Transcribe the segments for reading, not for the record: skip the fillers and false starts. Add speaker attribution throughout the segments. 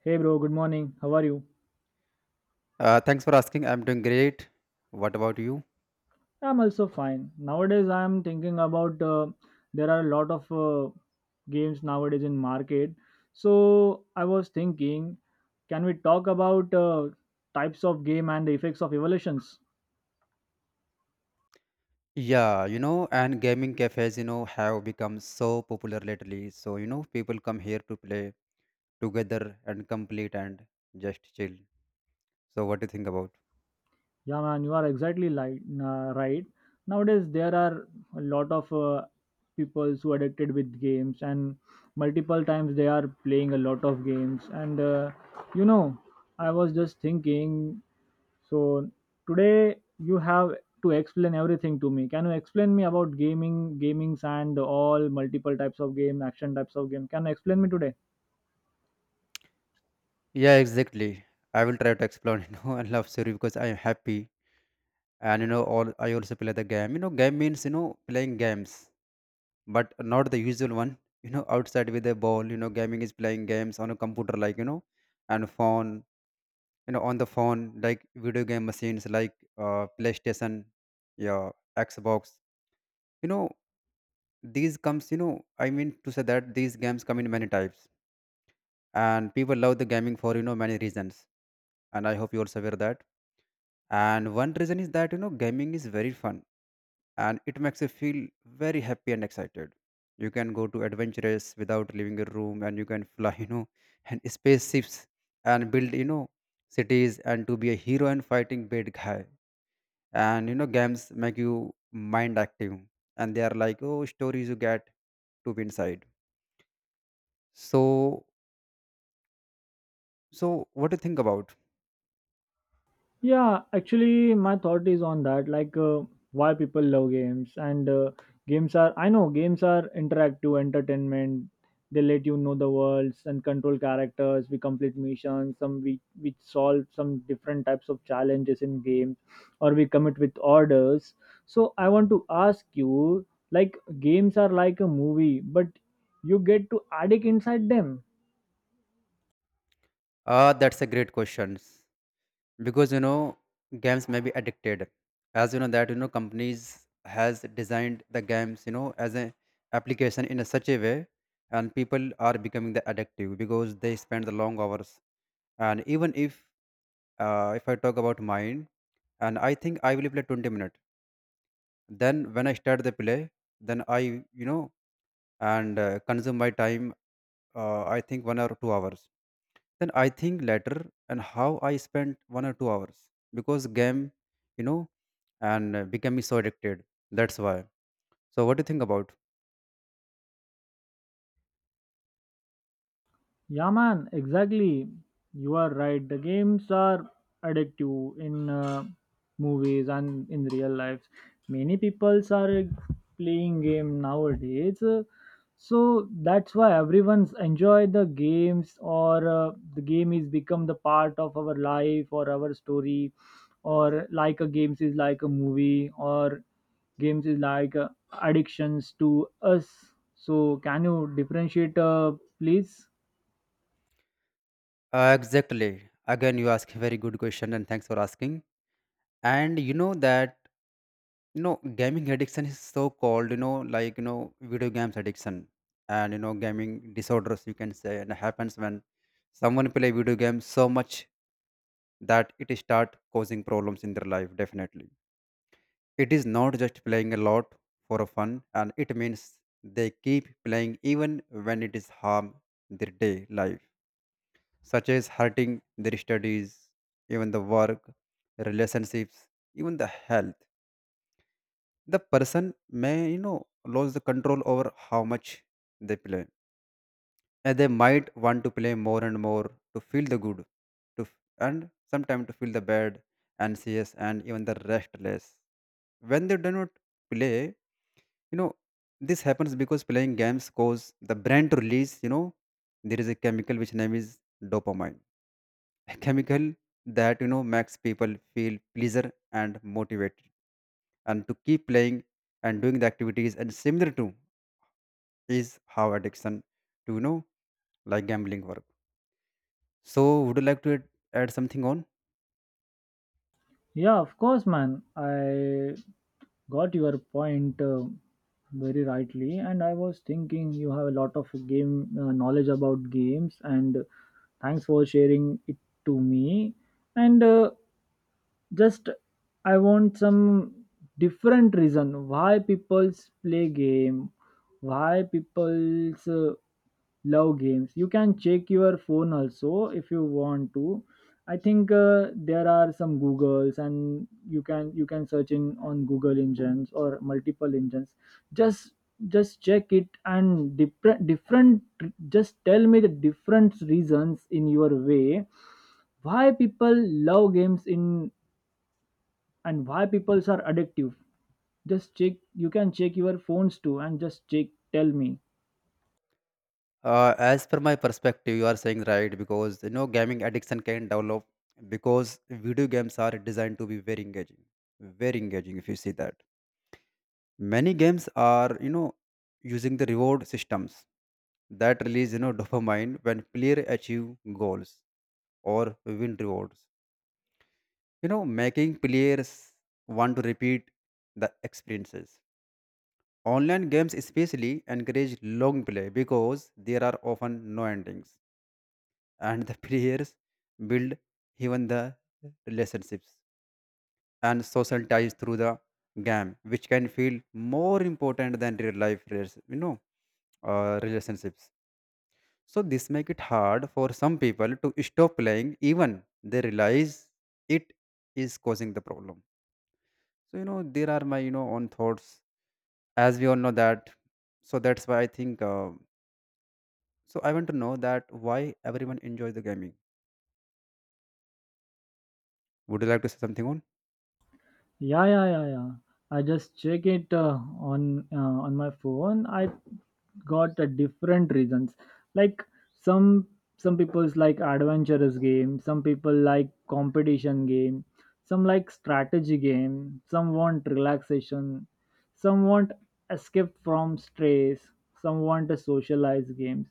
Speaker 1: Hey bro, good morning. How are you?
Speaker 2: Thanks for asking. I'm doing great. What about you?
Speaker 1: I'm also fine. Nowadays, I'm thinking about there are a lot of games nowadays in market. So I was thinking, can we talk about types of game and the effects of evolutions?
Speaker 2: Yeah, you know, and gaming cafes, you know, have become so popular lately. So, you know, people come here to play together and complete and just chill. So, what do you think about?
Speaker 1: Yeah, man, you are exactly like right. Nowadays, there are a lot of people who are addicted with games, and multiple times they are playing a lot of games. You know, I was just thinking. So today you have to explain everything to me. Can you explain me about gaming, gamings and all multiple types of game, action types of game? Can you explain me today?
Speaker 2: Yeah, exactly. I will try to explore, you know, and love story because I am happy. And, you know, all I also play the game. You know, game means, you know, playing games, but not the usual one, you know, outside with a ball. You know, gaming is playing games on a computer, like, you know, and phone you know on the phone like video game machines like playstation, yeah, xbox, you know, these comes, you know, I mean to say that these games come in many types, and people love the gaming for, you know, many reasons, and I hope you also aware that. And one reason is that, you know, gaming is very fun, and it makes you feel very happy and excited. You can go to adventures without leaving your room, and you can fly, you know, and spaceships and build, you know, cities and to be a hero and fighting bad guy. And you know, games make you mind active, and they are like oh stories you get to be inside. So, so what do you think about?
Speaker 1: Yeah, actually, my thought is on that, like why people love games and games are. I know games are interactive entertainment. They let you know the worlds and control characters. We complete missions. Some we solve some different types of challenges in games, or we commit with orders. So I want to ask you, like games are like a movie, but you get to addict inside them.
Speaker 2: Ah, that's a great question. Because you know games may be addicted as you know that you know companies has designed the games you know as an application in a such a way, and people are becoming the addictive because they spend the long hours, and even if I talk about mine, and I think I will play 20 minutes. Then when I start the play, then I, you know, and consume my time, I think 1 or 2 hours. Then I think later and how I spent 1 or 2 hours because game, you know, and became so addicted. That's why. So what do you think about?
Speaker 1: Yeah, man, exactly. You are right. The games are addictive in movies and in real life. Many people are playing game nowadays, so that's why everyone's enjoy the games, or the game is become the part of our life or our story, or like a games is like a movie, or games is like addictions to us. So, can you differentiate, please?
Speaker 2: Exactly. Again, you ask a very good question and thanks for asking. And you know that you know gaming addiction is so called you know like you know video games addiction, and you know gaming disorders you can say, and happens when someone play video games so much that it start causing problems in their life, definitely. It is not just playing a lot for a fun, and it means they keep playing even when it is harm their day life, such as hurting their studies, even the work, relationships, even the health. The person may, you know, lose the control over how much they play, and they might want to play more and more to feel the good, and sometimes to feel the bad, anxious, and even the restless. When they do not play, you know, this happens because playing games cause the brain to release, you know, there is a chemical which name is dopamine, a chemical that, you know, makes people feel pleasure and motivated and to keep playing and doing the activities and similar to is how addiction to, you know, like gambling work. So would you like to add something on?
Speaker 1: Yeah, of course, man. I got your point very rightly, and I was thinking you have a lot of game knowledge about games, and thanks for sharing it to me. And just I want some different reason why people play game, why people love games. You can check your phone also if you want to. I think there are some Googles and you can search in on Google engines or multiple engines. Just just check it and different different, just tell me the different reasons in your way why people love games in and why peoples are addictive. Just check, you can check your phones too and just check, tell me.
Speaker 2: As per my perspective, you are saying right because you know gaming addiction can develop because video games are designed to be very engaging. If you see that, many games are you know using the reward systems that release you know dopamine when player achieve goals or win rewards. You know, making players want to repeat the experiences. Online games especially encourage long play because there are often no endings, and the prayers build even the relationships and social ties through the game which can feel more important than real life you know relationships. So this make it hard for some people to stop playing even they realize it is causing the problem. So you know there are my you know own thoughts, as we all know that. So that's why I think, so I want to know that why everyone enjoys the gaming. Would you like to say something on?
Speaker 1: Yeah, yeah. I just check it on my phone. I got a different reasons, like some some people's like adventurous game, some people like competition game, some like strategy game, some want relaxation, some want escape from stress, some want a socialized game.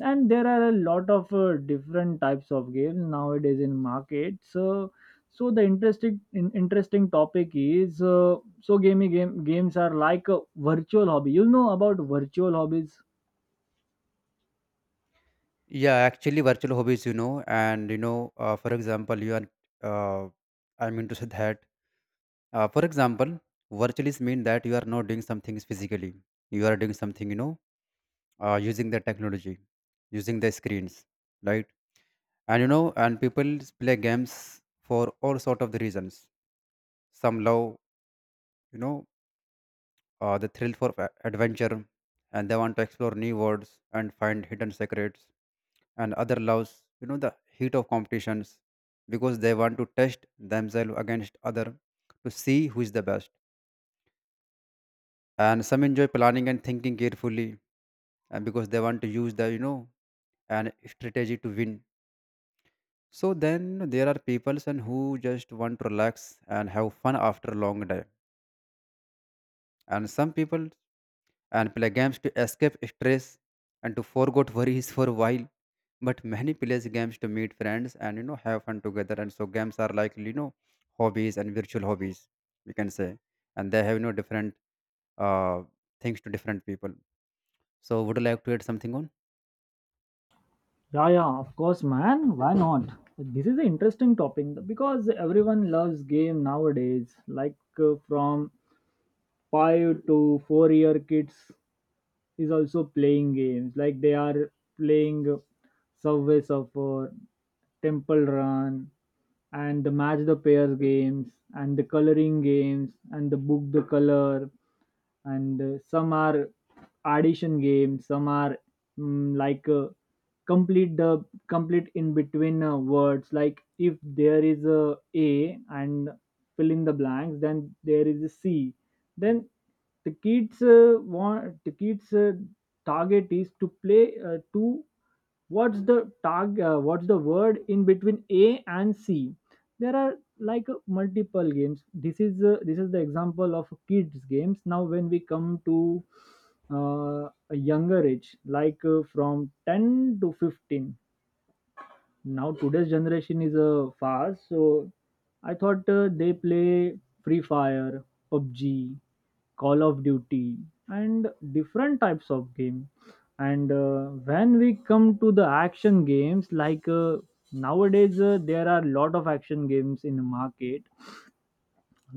Speaker 1: And there are a lot of different types of games nowadays in market. So so the interesting topic is so gaming game games are like a virtual hobby. You know about virtual hobbies?
Speaker 2: Yeah, actually, virtual hobbies, you know, and you know, for example, you are, uh, I mean to say that, for example, virtual is mean that you are not doing something physically. You are doing something, you know, using the technology, using the screens, right? And you know, and people play games for all sort of the reasons. Some love, you know, the adventure, and they want to explore new worlds and find hidden secrets, and other loves you know the heat of competitions because they want to test themselves against other to see who is the best, and some enjoy planning and thinking carefully and because they want to use the you know an strategy to win. So then there are people and who just want to relax and have fun after a long day, and some people and play games to escape stress and to forget worries for a while, but many plays games to meet friends and you know have fun together, and so games are like you know hobbies and virtual hobbies, we can say, and they have you know different uh, things to different people. So would you like to add something on?
Speaker 1: Yeah, yeah, of course, man, why not. This is an interesting topic because everyone loves game nowadays, like from 5 to 4 year kids is also playing games, like they are playing Subway Surfer, Temple Run, and the match the pairs games and the coloring games and the book the color. And some are addition games, some are like complete the complete in between words, like if there is a and fill in the blanks, then there is a c, then the kids target is to play to what's the tag, what's the word in between a and c. There are like multiple games. This is this is the example of kids games. Now when we come to a younger age, like from 10 to 15, now today's generation is fast. So I thought they play Free Fire, PUBG, Call of Duty, and different types of game. And when we come to the action games, like nowadays there are lot of action games in the market,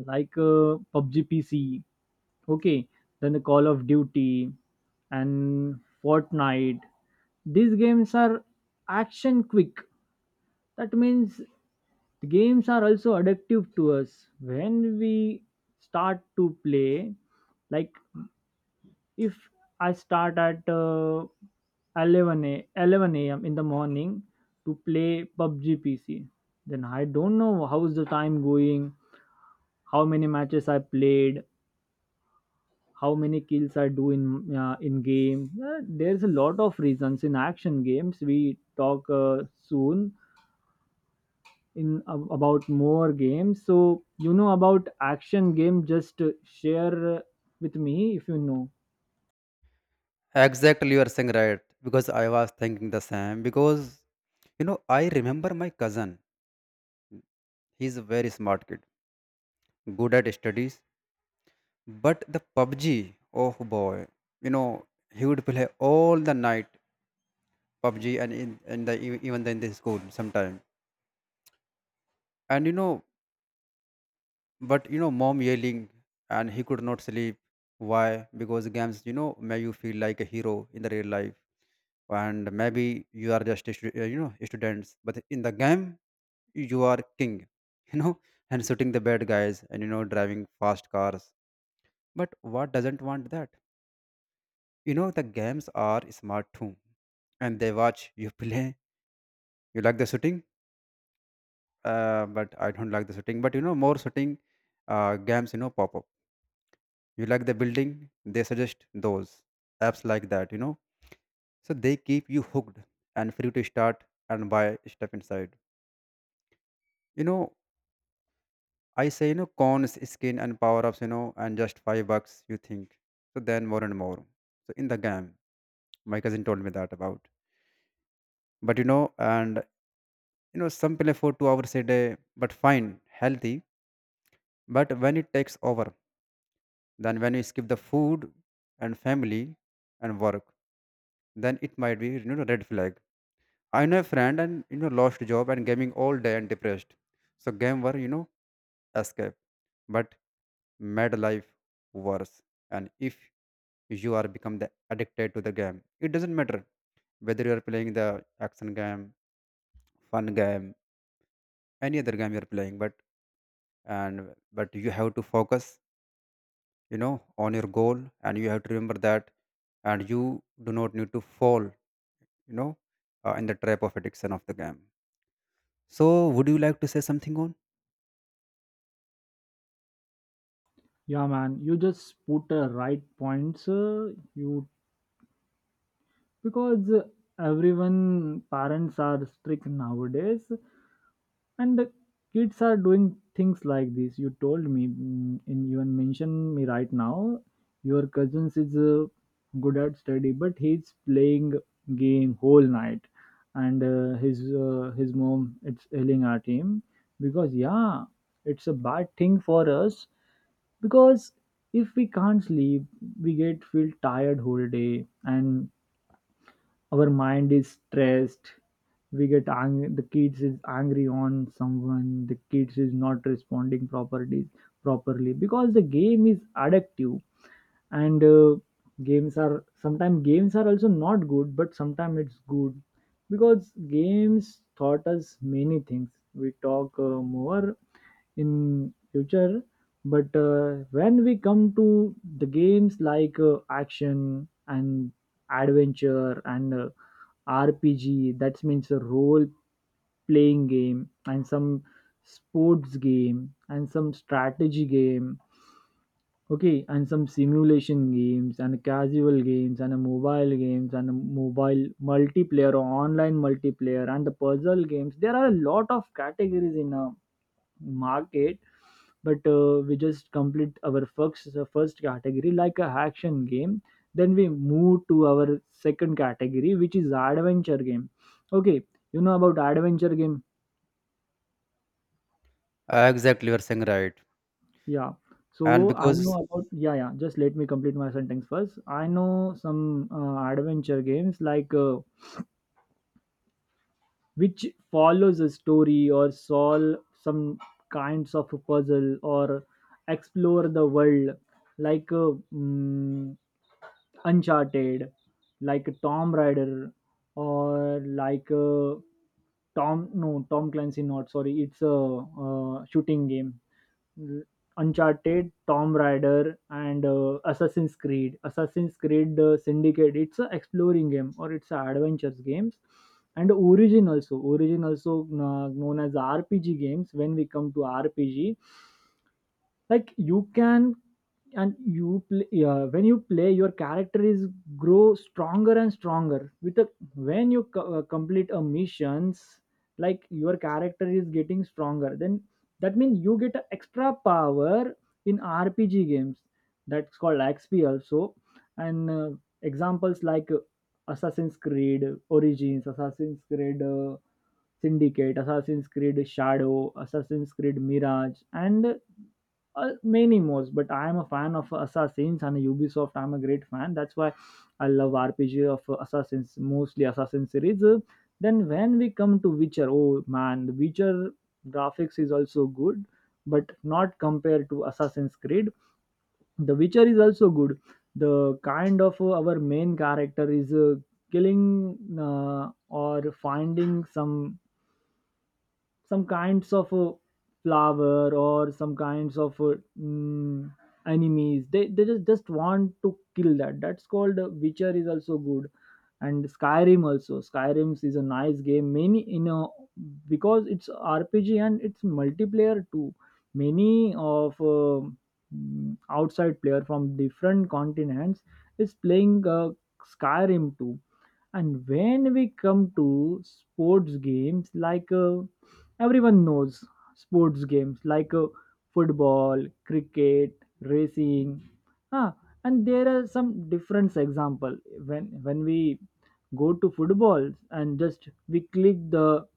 Speaker 1: like PUBG PC, okay, then the Call of Duty and Fortnite. These games are action quick. That means the games are also addictive to us when we start to play. Like if I start at 11 a.m. in the morning to play PUBG PC, then I don't know how's the time going, how many matches I played, how many kills are do in game. There's a lot of reasons in action games. We talk soon in about more games. So you know about action game? Just share with me if you know.
Speaker 2: Exactly you are saying right because I was thinking the same because you know I remember my cousin. He's a very smart kid, good at studies. But the PUBG, oh boy, you know, he would play all the night PUBG and in the even in the school sometime. And you know, but you know, mom yelling, and he could not sleep. Why? Because games, you know, make you feel like a hero in the real life. And maybe you are just, a you know, students, but in the game, you are king, you know, and shooting the bad guys and, you know, driving fast cars. But what doesn't want that? You know, the games are smart too, and they watch you play. You like the shooting, but I don't like the shooting. But you know, more shooting games, you know, pop up. You like the building, they suggest those apps like that, you know. So they keep you hooked and free to start and buy stuff inside. You know, I say, you know, cons, skin, and power ups, you know, and just $5, you think. So then more and more. So in the game, my cousin told me that about. But you know, and you know, some play for 2 hours a day, but fine, healthy. But when it takes over, then when you skip the food and family and work, then it might be you know red flag. I know a friend and you know lost job and gaming all day and depressed. So game were you know escape, but made life worse. And if you are become the addicted to the game, it doesn't matter whether you are playing the action game, fun game, any other game you are playing, but and but you have to focus, you know, on your goal, and you have to remember that, and you do not need to fall you know in the trap of addiction of the game. So would you like to say something on?
Speaker 1: Yeah, man, you just put the right points. You because everyone parents are strict nowadays, and the kids are doing things like this, you told me, and you mentioned me right now your cousins is good at study but he's playing game whole night. And his mom it's yelling at him because, yeah, it's a bad thing for us because if we can't sleep, we get feel tired whole day, and our mind is stressed, we get angry, the kids is angry on someone, the kids is not responding properly because the game is addictive. And games are sometimes, games are also not good but sometimes it's good because games taught us many things. We talk more in future. But when we come to the games like action and adventure and rpg, that means a role playing game, and some sports game and some strategy game, okay, and some simulation games and casual games and a mobile games and a mobile multiplayer or online multiplayer and the puzzle games. There are a lot of categories in market. But we just complete our first category, like a action game, then we move to our second category which is adventure game, okay. You know about adventure game?
Speaker 2: Exactly you're saying right.
Speaker 1: Yeah,
Speaker 2: And
Speaker 1: so I know
Speaker 2: because
Speaker 1: about, yeah, yeah, just let me complete my sentence first. I know some adventure games, like which follows a story or solve some kinds of a puzzle or explore the world, like Uncharted, like Tom Raider, or like Tom Clancy, not, sorry, it's a shooting game. Uncharted, Tom Raider, and Assassin's Creed. Assassin's Creed Syndicate. It's a exploring game or it's a adventures games. And Origin also. Origin also known as RPG games. When we come to RPG, like you can and you play, yeah, when you play your character is grow stronger and stronger with a, when you complete a missions, like your character is getting stronger, then that means you get a extra power in rpg games. That's called xp also. And examples like Assassin's Creed Origins, Assassin's Creed Syndicate, Assassin's Creed Shadow, Assassin's Creed Mirage, and many more. But I am a fan of Assassins and Ubisoft. I'm a great fan. That's why I love RPG of Assassins, mostly Assassin series. Then when we come to Witcher, oh man, the Witcher graphics is also good, but not compared to Assassin's Creed. The Witcher is also good. The kind of our main character is killing or finding some kinds of flower or some kinds of mm, enemies. They just want to kill that. That's called Witcher is also good. And Skyrim also. Skyrim is a nice game, many you know, because it's rpg and it's multiplayer too. Many of outside player from different continents is playing Skyrim too. And when we come to sports games, like everyone knows sports games like football, cricket, racing, huh? And there are some different example. When we go to football and just we click the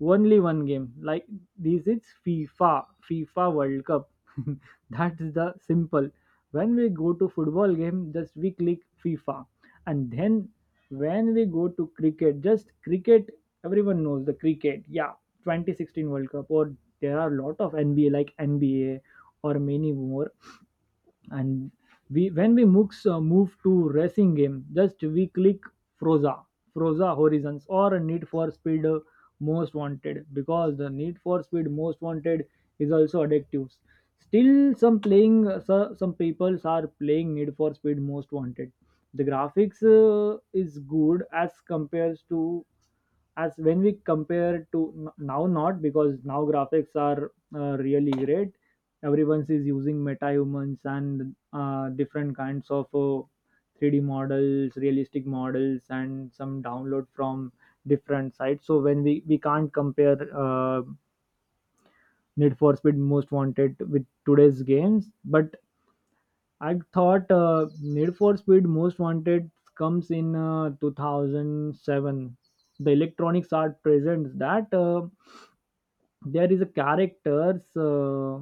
Speaker 1: only one game, like this is FIFA, FIFA World Cup. That is the simple. When we go to football game, just we click FIFA. And then when we go to cricket, just cricket, everyone knows the cricket, yeah, 2016 world cup, or there are a lot of nba like nba or many more. And we when we moves, move to racing game, just we click froza, froza horizons, or need for speed most wanted, because the need for speed most wanted is also addictive. Still some playing, some people are playing need for speed most wanted. The graphics is good as compares to, as when we compare to now. Not because now graphics are really great. Everyone is using metahumans and different kinds of 3D models, realistic models, and some download from different sites. So when we can't compare need for speed most wanted with today's games. But I thought need for speed most wanted comes in 2007. The electronics are present that there is a characters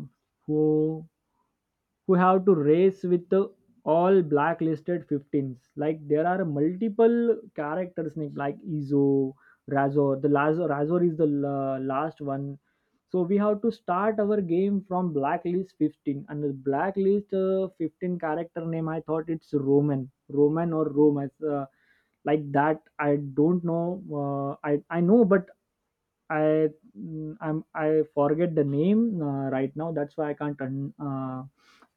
Speaker 1: who who have to race with the all blacklisted 15s. Like there are multiple characters Nick, like izo, razor, the lazor razor is the last one. So we have to start our game from blacklist 15, and the blacklist 15 character name, I thought it's roman or rome as, like that. I don't know. I know, but I, I forget the name right now. That's why I can't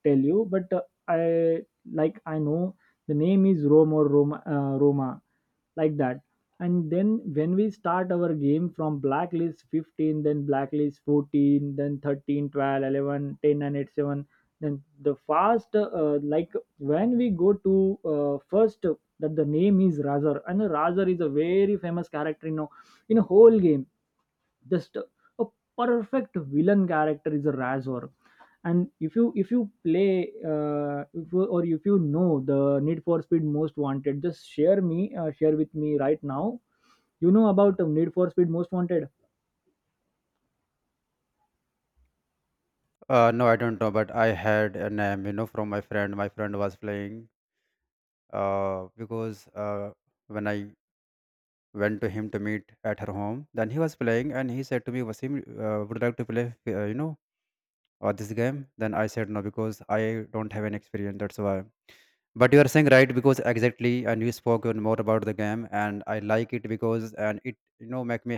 Speaker 1: tell you. But I, like, I know the name is Rome or Roma, Roma, like that. And then when we start our game from blacklist 15, then blacklist 14, then 13, 12, 11, 10, and 8, 7, then the like when we go to first, that the name is Razor, and Razor is a very famous character in a whole game. Just a perfect villain character is a razor. And if you play, if you, or if you know the need for speed most wanted, just share with me right now. You know about the need for speed most wanted?
Speaker 2: no, I don't know, but I had a name you know from my friend. My friend was playing, because when I went to him to meet at her home, then he was playing and he said to me, Wasim, would you like to play, you know, this game? Then I said no because I don't have any experience, that's why. But you are saying right because exactly, and you spoken more about the game, and I like it because and it you know make me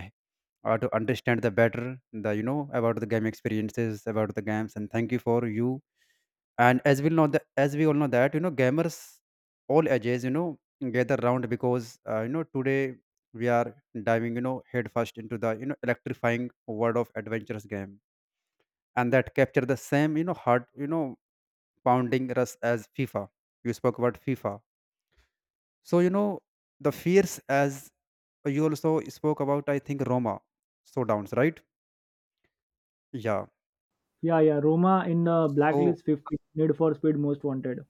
Speaker 2: to understand the better the you know about the game experiences about the games, and thank you for you. And as we know that, as we all know that, you know, gamers all ages you know gather round because you know today we are diving you know headfirst into the you know electrifying world of adventurous game, and that capture the same you know heart you know pounding rush as FIFA. You spoke about FIFA, so, you know, the fears, as you also spoke about, I think Roma showdowns, right? Yeah.
Speaker 1: Yeah, yeah, roma in the
Speaker 2: So,
Speaker 1: blacklist 50 need for speed most wanted.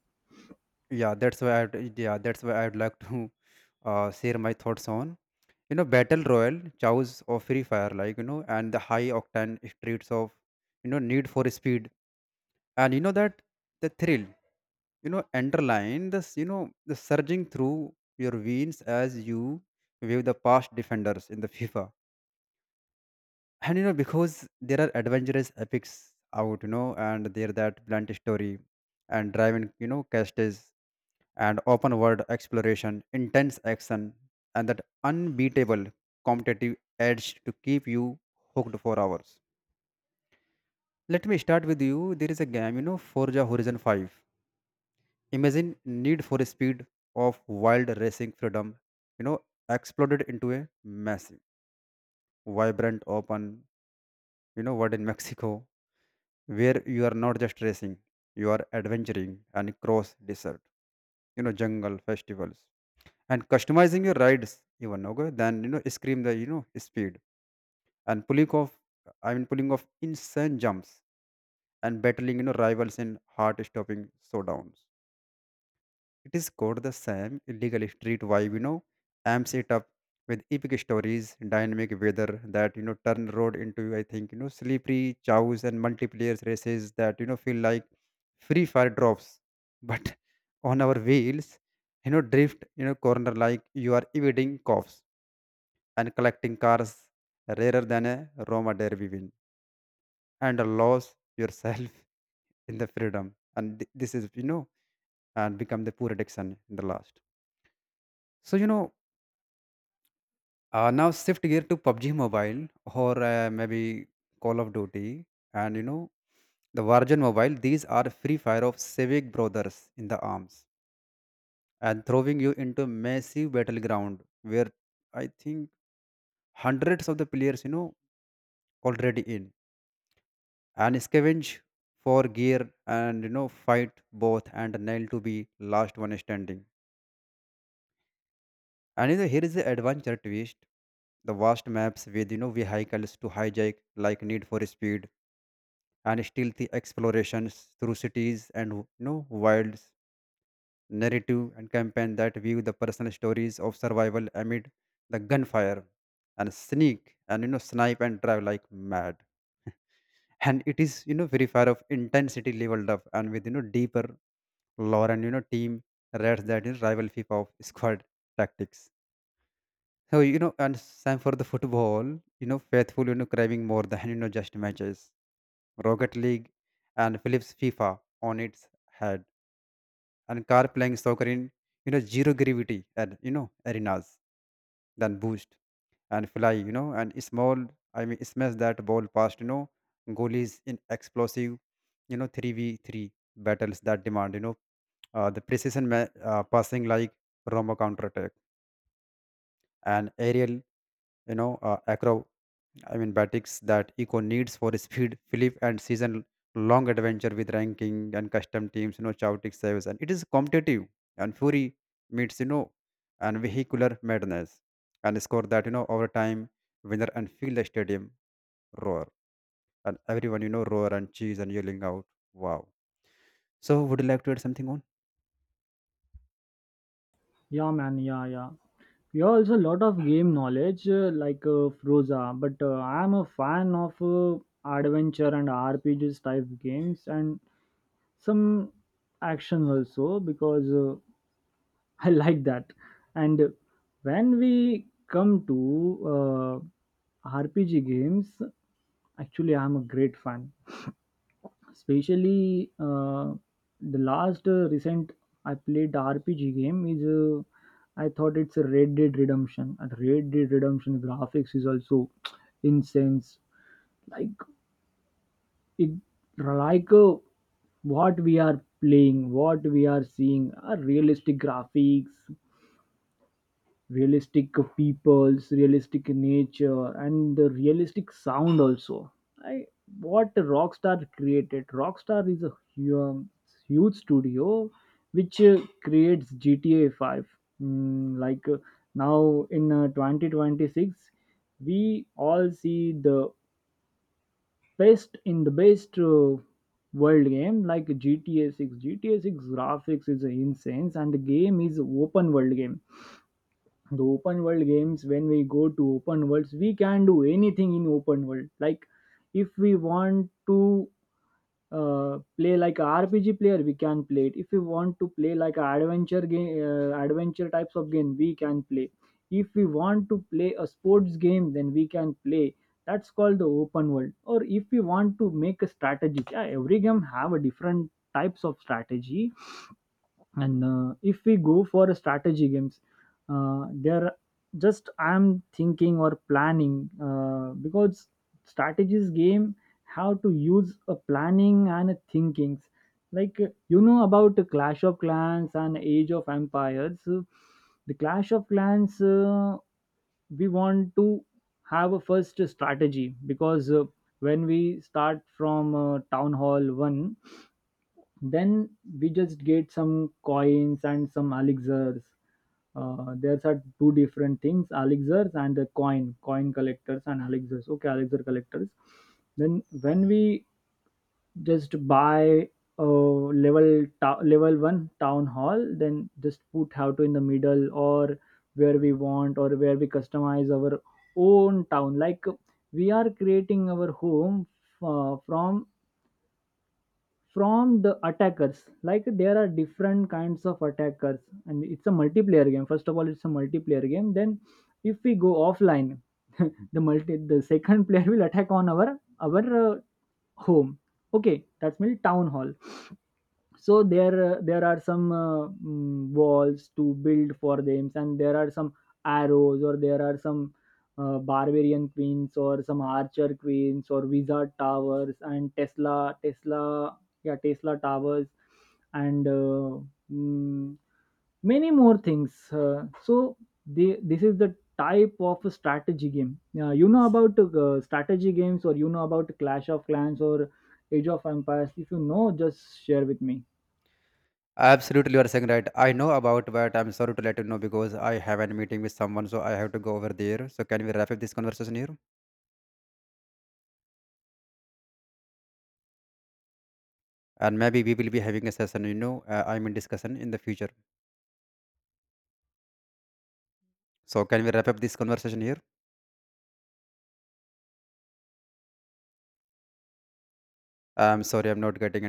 Speaker 2: yeah, that's why I'd, yeah, that's why I'd like to share my thoughts on, you know, battle royal, chows of free fire, like, you know, and the high octane streets of, you know, need for speed. And that the thrill, underline this, the surging through your veins as you wave the past defenders in the FIFA. And because there are adventurous epics out, and there that blunt story and driving, castes, and open world exploration, intense action, and that unbeatable competitive edge to keep you hooked for hours. Let me start with you. There is a game, Forza Horizon 5. Imagine need for speed of wild racing freedom, you know exploded into a massive, vibrant, open, world in Mexico, where you are not just racing, you are adventuring and cross desert, jungle festivals, and customizing your rides even. Okay, then, scream the speed and pulling off, pulling off insane jumps and battling, rivals in heart stopping showdowns. It is called the Sam illegal street vibe, amps it up with epic stories, dynamic weather that, turn road into, I think, slippery chows, and multiplayer races that, feel like free fire drops. But on our wheels, drift, corner like you are evading cops and collecting cars rarer than a Roma derby win, and a yourself in the freedom. And this is, and become the poor addiction in the last. So, now shift gear to PUBG Mobile, or maybe Call of Duty, and the Virgin Mobile. These are free fire of civic brothers in the arms, and throwing you into massive battleground where I think hundreds of the players, already in, and scavenge for gear, and fight both and nail to be last one standing. And here is the adventure twist. The vast maps with, vehicles to hijack like need for speed, and still the explorations through cities and, wilds, narrative and campaign that view the personal stories of survival amid the gunfire, and sneak and, snipe and drive like mad. And it is, very far of intensity leveled up, and with, deeper lore and, team rats that is rival FIFA of squad tactics. So, and same for the football, faithful, craving more than, just matches. Rocket League, and Philips FIFA on its head, and car playing soccer in, zero gravity and, arenas, then boost and fly, and small I mean smash that ball past, goalies in explosive, 3v3 battles that demand, the precision passing like Roma counterattack and aerial, you know uh, acro batics that Eco needs for speed, flip, and season long adventure with ranking and custom teams, Chaotic saves. And it is competitive and fury meets, and vehicular madness and score that, over time winner and fill the stadium roar. And everyone, roar and cheese and yelling out, wow. So, would you like to add something on?
Speaker 1: Yeah, man, yeah, yeah, you have also a lot of game knowledge, like Froza. But I am a fan of adventure and RPGs type games, and some action also, because I like that. And when we come to rpg games, actually I'm a great fan. Especially the last recent I played rpg game is I thought it's a red dead redemption, and red dead redemption graphics is also incense. Like it, like what we are playing, what we are seeing are realistic graphics, realistic peoples, realistic nature, and the realistic sound also. I, what rockstar created, rockstar is a huge studio which creates gta 5. Like now in 2026 we all see the best in the best world game like GTA 6. GTA 6 graphics is insane, and the game is open world game. The open world games, when we go to open worlds, we can do anything in open world. Like if we want to play like a RPG player, we can play it. If we want to play like a adventure game, adventure types of game, we can play. If we want to play a sports game, then we can play. That's called the open world. Or if we want to make a strategy, yeah, every game have a different types of strategy. And if we go for strategy games, there, just I'm thinking or planning, because strategies game, how to use a planning and a thinkings. Like you know about the clash of clans and age of empires? The clash of clans, we want to have a first strategy, because when we start from town hall 1, then we just get some coins and some elixirs. There's are two different things: elixirs and the coin, coin collectors and elixirs. Okay, elixir collectors. Then when we just buy level one town hall, then just put how to in the middle, or where we want, or where we customize our own town. Like we are creating our home uh, from from the attackers. Like there are different kinds of attackers. And it's a multiplayer game, first of all, it's a multiplayer game. Then if we go offline the second player will attack on our home. Okay, that's mean town hall. So there, there are some walls to build for them, and there are some arrows, or there are some barbarian queens, or some archer queens, or wizard towers, and tesla, yeah, tesla towers, and mm, many more things. So they, this is the type of a strategy game. You know about strategy games, or you know about clash of clans or age of empires? If you know, just share with me.
Speaker 2: Absolutely, you are saying right. I know about, but I'm sorry to let you know because I have a meeting with someone, so I have to go over there. So, can we wrap up this conversation here? And maybe we will be having a session, discussion in the future. So, can we wrap up this conversation here? I'm sorry, I'm not getting any.